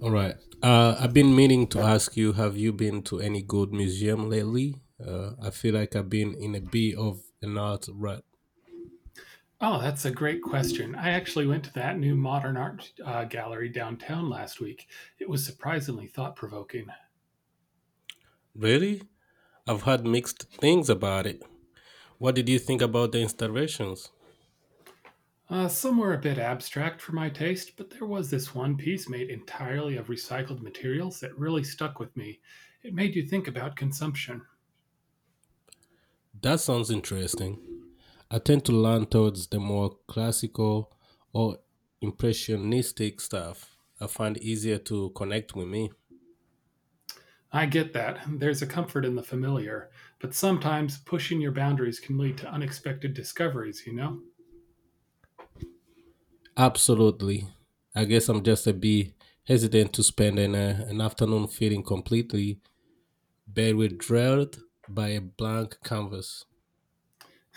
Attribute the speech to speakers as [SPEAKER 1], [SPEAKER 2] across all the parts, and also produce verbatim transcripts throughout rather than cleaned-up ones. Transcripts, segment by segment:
[SPEAKER 1] All right. Uh, I've been meaning to ask you, have you been to any good museum lately? Uh, I feel like I've been in a bit of an art rut.
[SPEAKER 2] Oh, that's a great question. I actually went to that new modern art uh, gallery downtown last week. It was surprisingly thought provoking.
[SPEAKER 1] Really? I've heard mixed things about it. What did you think about the installations?
[SPEAKER 2] Uh, some were a bit abstract for my taste, but there was this one piece made entirely of recycled materials that really stuck with me. It made you think about consumption.
[SPEAKER 1] That sounds interesting. I tend to lean towards the more classical or impressionistic stuff. I find easier to connect with me.
[SPEAKER 2] I get that. There's a comfort in the familiar, but sometimes pushing your boundaries can lead to unexpected discoveries, you know?
[SPEAKER 1] Absolutely. I guess I'm just a bit hesitant to spend an, uh, an afternoon feeling completely They were drilled by a blank canvas.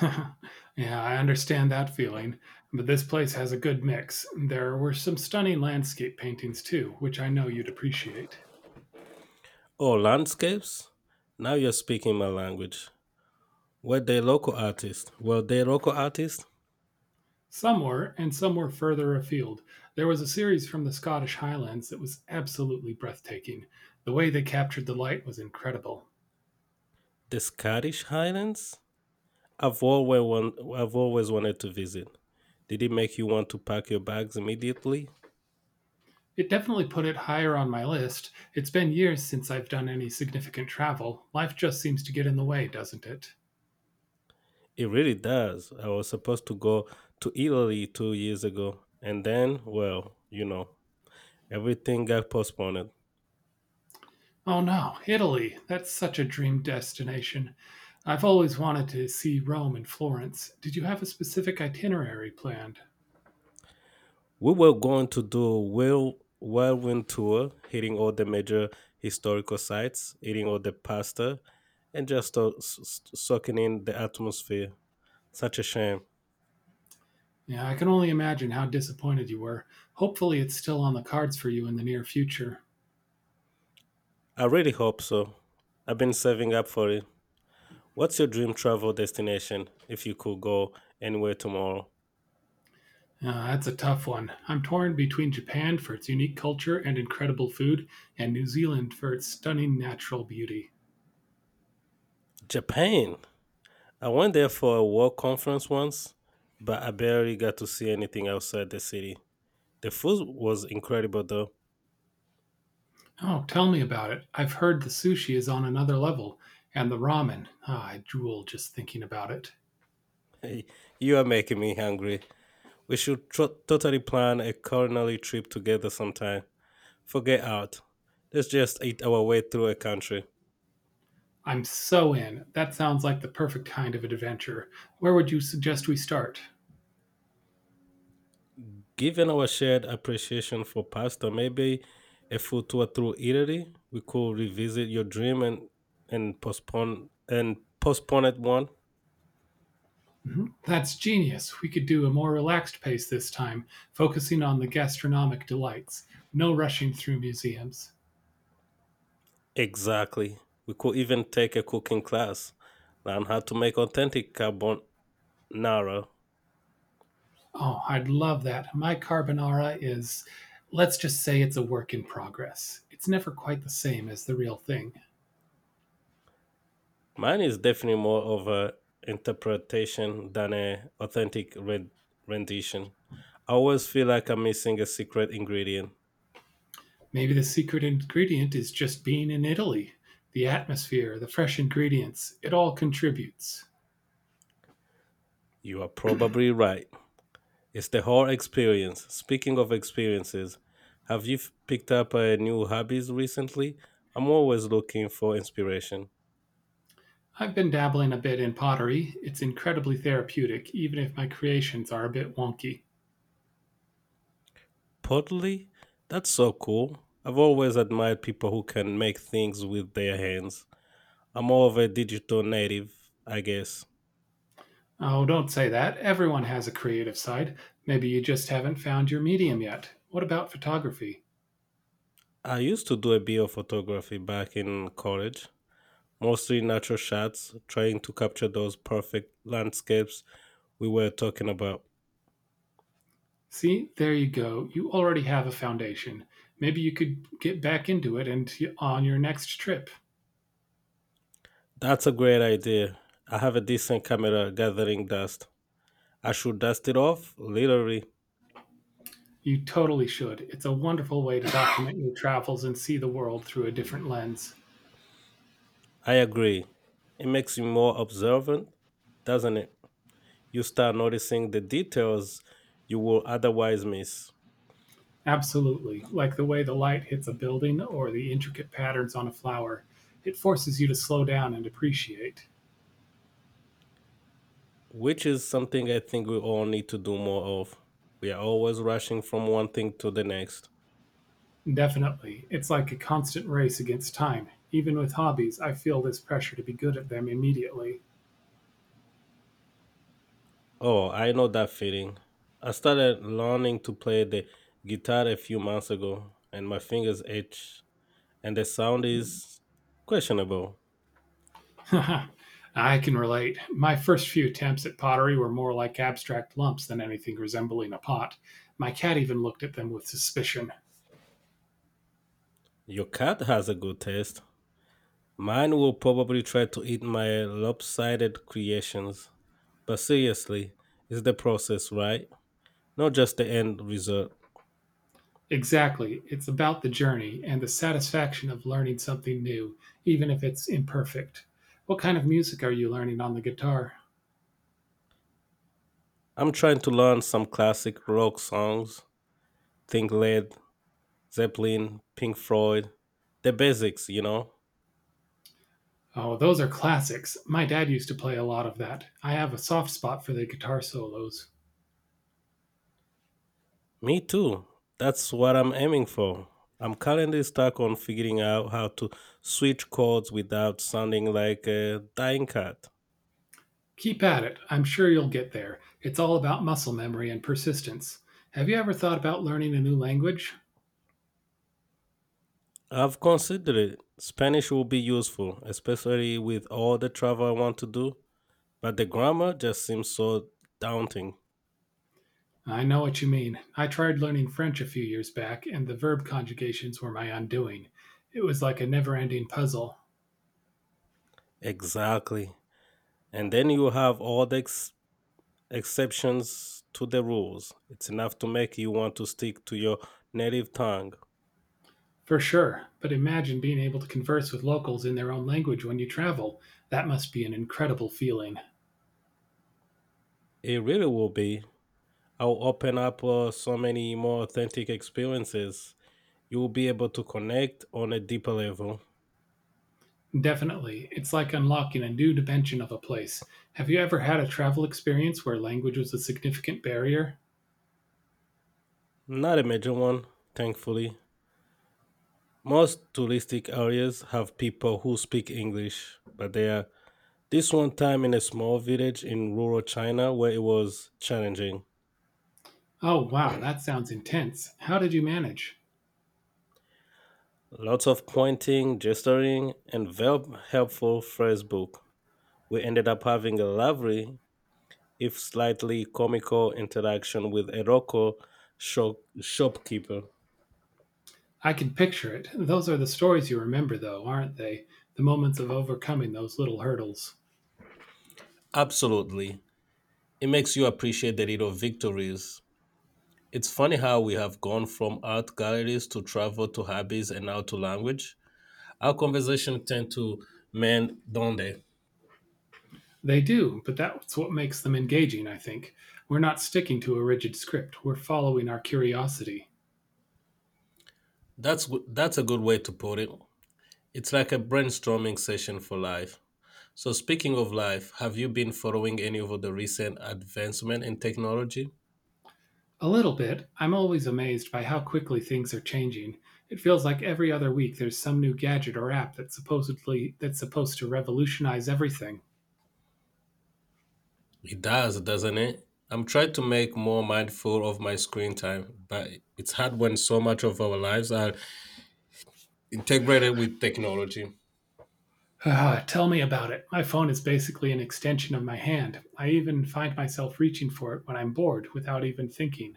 [SPEAKER 2] Yeah, I understand that feeling, but this place has a good mix. There were some stunning landscape paintings too, which I know you'd appreciate.
[SPEAKER 1] Oh, landscapes? Now you're speaking my language. Were they local artists? Were they local artists?
[SPEAKER 2] Some were, and some were further afield. There was a series from the Scottish Highlands that was absolutely breathtaking. The way they captured the light was incredible.
[SPEAKER 1] The Scottish Highlands? I've always, want, I've always wanted to visit. Did it make you want to pack your bags immediately?
[SPEAKER 2] It definitely put it higher on my list. It's been years since I've done any significant travel. Life just seems to get in the way, doesn't it?
[SPEAKER 1] It really does. I was supposed to go to Italy two years ago, and then, well, you know, everything got postponed.
[SPEAKER 2] Oh no, Italy. That's such a dream destination. I've always wanted to see Rome and Florence. Did you have a specific itinerary planned?
[SPEAKER 1] We were going to do a whirl, whirlwind tour, hitting all the major historical sites, eating all the pasta, and just uh, s- s- soaking in the atmosphere. Such a shame.
[SPEAKER 2] Yeah, I can only imagine how disappointed you were. Hopefully, it's still on the cards for you in the near future.
[SPEAKER 1] I really hope so. I've been saving up for it. What's your dream travel destination if you could go anywhere tomorrow?
[SPEAKER 2] Uh, that's a tough one. I'm torn between Japan for its unique culture and incredible food, and New Zealand for its stunning natural beauty.
[SPEAKER 1] Japan. I went there for a work conference once, but I barely got to see anything outside the city. The food was incredible though.
[SPEAKER 2] Oh, tell me about it. I've heard the sushi is on another level, and the ramen. Ah, I drool just thinking about it.
[SPEAKER 1] You are making me hungry. We should tro- totally plan a culinary trip together sometime. Forget out. Let's just eat our way through a country.
[SPEAKER 2] I'm so in. That sounds like the perfect kind of an adventure. Where would you suggest we start?
[SPEAKER 1] Given our shared appreciation for pasta, maybe a food tour through Italy. We could revisit your dream and and postpone and postpone it one.
[SPEAKER 2] Mhm. That's genius. We could do a more relaxed pace this time, focusing on the gastronomic delights. No rushing through museums.
[SPEAKER 1] Exactly. We could even take a cooking class, learn how to make authentic carbonara.
[SPEAKER 2] Oh, I'd love that. My carbonara is, let's just say it's a work in progress. It's never quite the same as the real thing.
[SPEAKER 1] Mine is definitely more of a interpretation than a authentic ren- rendition. I always feel like I'm missing a secret ingredient.
[SPEAKER 2] Maybe the secret ingredient is just being in Italy. The atmosphere, the fresh ingredients, it all contributes.
[SPEAKER 1] You are probably right. It's the whole experience. Speaking of experiences, have you f- picked up uh, new hobbies recently? I'm always looking for inspiration.
[SPEAKER 2] I've been dabbling a bit in pottery. It's incredibly therapeutic, even if my creations are a bit wonky.
[SPEAKER 1] Pottery? That's so cool. I've always admired people who can make things with their hands. I'm more of a digital native, I guess.
[SPEAKER 2] Oh, don't say that. Everyone has a creative side. Maybe you just haven't found your medium yet. What about photography?
[SPEAKER 1] I used to do a bit of photography back in college, mostly natural shots, trying to capture those perfect landscapes we were talking about.
[SPEAKER 2] See, there you go. You already have a foundation. Maybe you could get back into it and on your next trip.
[SPEAKER 1] That's a great idea. I have a decent camera gathering dust. I should dust it off, literally.
[SPEAKER 2] You totally should. It's a wonderful way to document your travels and see the world through a different lens.
[SPEAKER 1] I agree. It makes you more observant, doesn't it? You start noticing the details you will otherwise miss,
[SPEAKER 2] Absolutely. Like the way the light hits a building or the intricate patterns on a flower, it forces you to slow down and appreciate.
[SPEAKER 1] which is something I think we all need to do more of. We are always rushing from one thing to the next.
[SPEAKER 2] Definitely. It's like a constant race against time. Even with hobbies, I feel this pressure to be good at them immediately.
[SPEAKER 1] Oh, I know that feeling. I started learning to play the guitar a few months ago, and my fingers itch, and the sound is questionable.
[SPEAKER 2] I can relate. My first few attempts at pottery were more like abstract lumps than anything resembling a pot. My cat even looked at them with suspicion.
[SPEAKER 1] Your cat has a good taste. Mine will probably try to eat my lopsided creations. But seriously, it's the process, right? Not just the end result.
[SPEAKER 2] Exactly. It's about the journey and the satisfaction of learning something new, even if it's imperfect. What kind of music are you learning on the guitar?
[SPEAKER 1] I'm trying to learn some classic rock songs, think Led Zeppelin, Pink Floyd, the basics, you know?
[SPEAKER 2] Oh, those are classics. My dad used to play a lot of that. I have a soft spot for the guitar solos.
[SPEAKER 1] Me too. That's what I'm aiming for. I'm currently stuck on figuring out how to switch chords without sounding like a dying cat.
[SPEAKER 2] Keep at it. I'm sure you'll get there. It's all about muscle memory and persistence. Have you ever thought about learning a new language?
[SPEAKER 1] I've considered it. Spanish will be useful, especially with all the travel I want to do, but the grammar just seems so daunting.
[SPEAKER 2] I know what you mean. I tried learning French a few years back, and the verb conjugations were my undoing. It was like a never ending puzzle.
[SPEAKER 1] Exactly. And then you have all the ex- exceptions to the rules. It's enough to make you want to stick to your native tongue.
[SPEAKER 2] For sure, but imagine being able to converse with locals in their own language when you travel. That must be an incredible feeling.
[SPEAKER 1] It really will be. I'll open up uh, so many more authentic experiences. You will be able to connect on a deeper level.
[SPEAKER 2] Definitely. It's like unlocking a new dimension of a place. Have you ever had a travel experience where language was a significant barrier?
[SPEAKER 1] Not a major one, thankfully. Most touristic areas have people who speak English, but there are this one time in a small village in rural China where it was challenging.
[SPEAKER 2] Oh, wow, that sounds intense. How did you manage?
[SPEAKER 1] Lots of pointing, gesturing, and very helpful phrase book. We ended up having a lovely, if slightly comical, interaction with a local shop- shopkeeper.
[SPEAKER 2] I can picture it. Those are the stories you remember, though, aren't they? The moments of overcoming those little hurdles.
[SPEAKER 1] Absolutely. It makes you appreciate the little victories. It's funny how we have gone from art galleries to travel to hobbies and now to language. Our conversation tend to mend don't they?
[SPEAKER 2] They do, but that's what makes them engaging, I think. We're not sticking to a rigid script, we're following our curiosity.
[SPEAKER 1] That's w- that's a good way to put it. It's like a brainstorming session for life. So speaking of life, have you been following any of the recent advancement in technology?
[SPEAKER 2] A little bit. I'm always amazed by how quickly things are changing. It feels like every other week there's some new gadget or app that's supposedly that's supposed to revolutionize everything.
[SPEAKER 1] It does, doesn't it? I'm trying to make more mindful of my screen time, but it's hard when so much of our lives are integrated with technology.
[SPEAKER 2] Ah, tell me about it. My phone is basically an extension of my hand. I even find myself reaching for it when I'm bored without even thinking.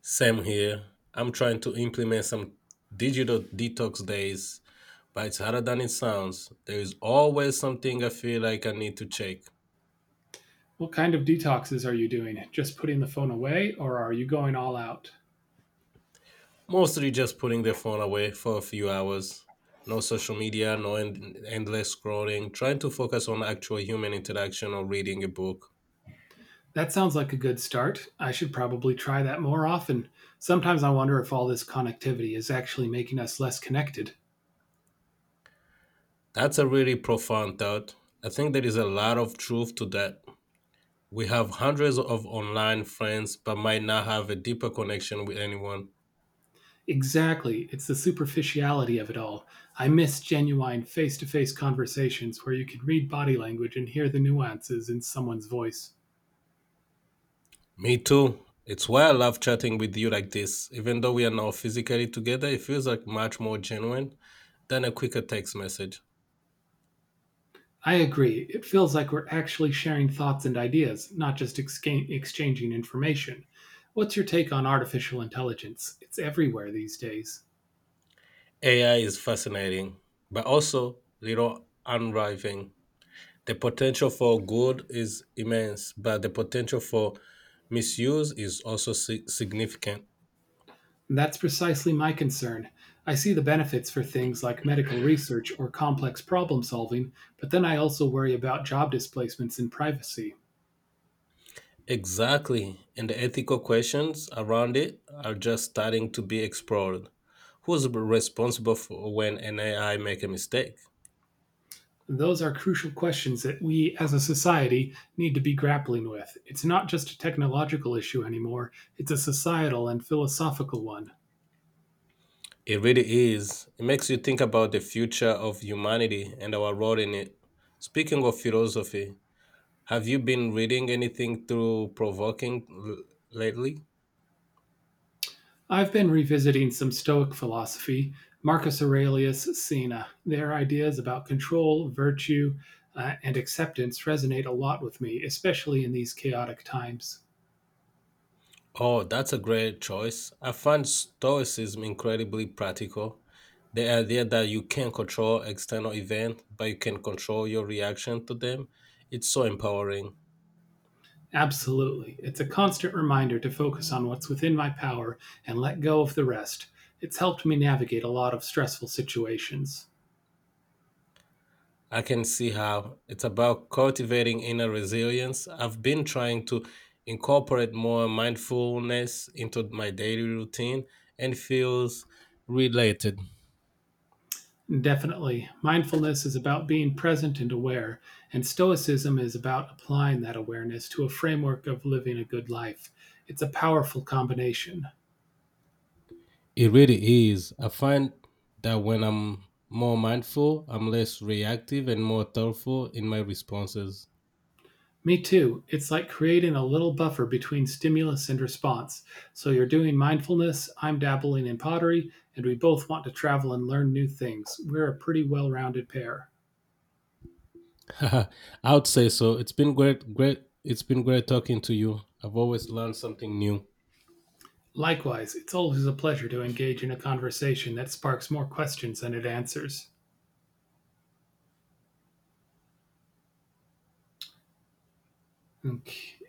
[SPEAKER 1] Same here. I'm trying to implement some digital detox days, but it's harder than it sounds. There is always something I feel like I need to check.
[SPEAKER 2] What kind of detoxes are you doing? Just putting the phone away or are you going all out?
[SPEAKER 1] Mostly just putting the phone away for a few hours. No social media, no end- endless scrolling, trying to focus on actual human interaction or reading a book.
[SPEAKER 2] That sounds like a good start. I should probably try that more often. Sometimes I wonder if all this connectivity is actually making us less connected.
[SPEAKER 1] That's a really profound thought. I think there is a lot of truth to that. We have hundreds of online friends, but might not have a deeper connection with anyone.
[SPEAKER 2] Exactly. It's the superficiality of it all. I miss genuine face to face conversations where you can read body language and hear the nuances in someone's voice.
[SPEAKER 1] Me too. It's why I love chatting with you like this. Even though we are now physically together, it feels like much more genuine than a quicker text message.
[SPEAKER 2] I agree. It feels like we're actually sharing thoughts and ideas, not just exca- exchanging information. What's your take on artificial intelligence? It's everywhere these days.
[SPEAKER 1] A I is fascinating, but also little unnerving. The potential for good is immense, but the potential for misuse is also si- significant.
[SPEAKER 2] And that's precisely my concern. I see the benefits for things like medical research or complex problem solving, but then I also worry about job displacements and privacy.
[SPEAKER 1] Exactly. And the ethical questions around it are just starting to be explored. Who's responsible for when an A I make a mistake?
[SPEAKER 2] Those are crucial questions that we, as a society, need to be grappling with. It's not just a technological issue anymore, it's a societal and philosophical one.
[SPEAKER 1] It really is. It makes you think about the future of humanity and our role in it. Speaking of philosophy, have you been reading anything through provoking l- lately?
[SPEAKER 2] I've been revisiting some Stoic philosophy, Marcus Aurelius Sena. Their ideas about control, virtue, uh, and acceptance resonate a lot with me, especially in these chaotic times.
[SPEAKER 1] Oh, that's a great choice. I find Stoicism incredibly practical. The idea that you can't control external events, but you can control your reaction to them, it's so empowering.
[SPEAKER 2] Absolutely. It's a constant reminder to focus on what's within my power and let go of the rest. It's helped me navigate a lot of stressful situations.
[SPEAKER 1] I can see how it's about cultivating inner resilience. I've been trying to incorporate more mindfulness into my daily routine and feels related.
[SPEAKER 2] Definitely. Mindfulness is about being present and aware, and Stoicism is about applying that awareness to a framework of living a good life. It's a powerful combination.
[SPEAKER 1] It really is. I find that when I'm more mindful, I'm less reactive and more thoughtful in my responses.
[SPEAKER 2] Me too. It's like creating a little buffer between stimulus and response. So you're doing mindfulness, I'm dabbling in pottery, and we both want to travel and learn new things. We're a pretty well rounded pair.
[SPEAKER 1] I would say so. It's been great, great. It's been great talking to you. I've always learned something new.
[SPEAKER 2] Likewise, it's always a pleasure to engage in a conversation that sparks more questions than it answers. Okay.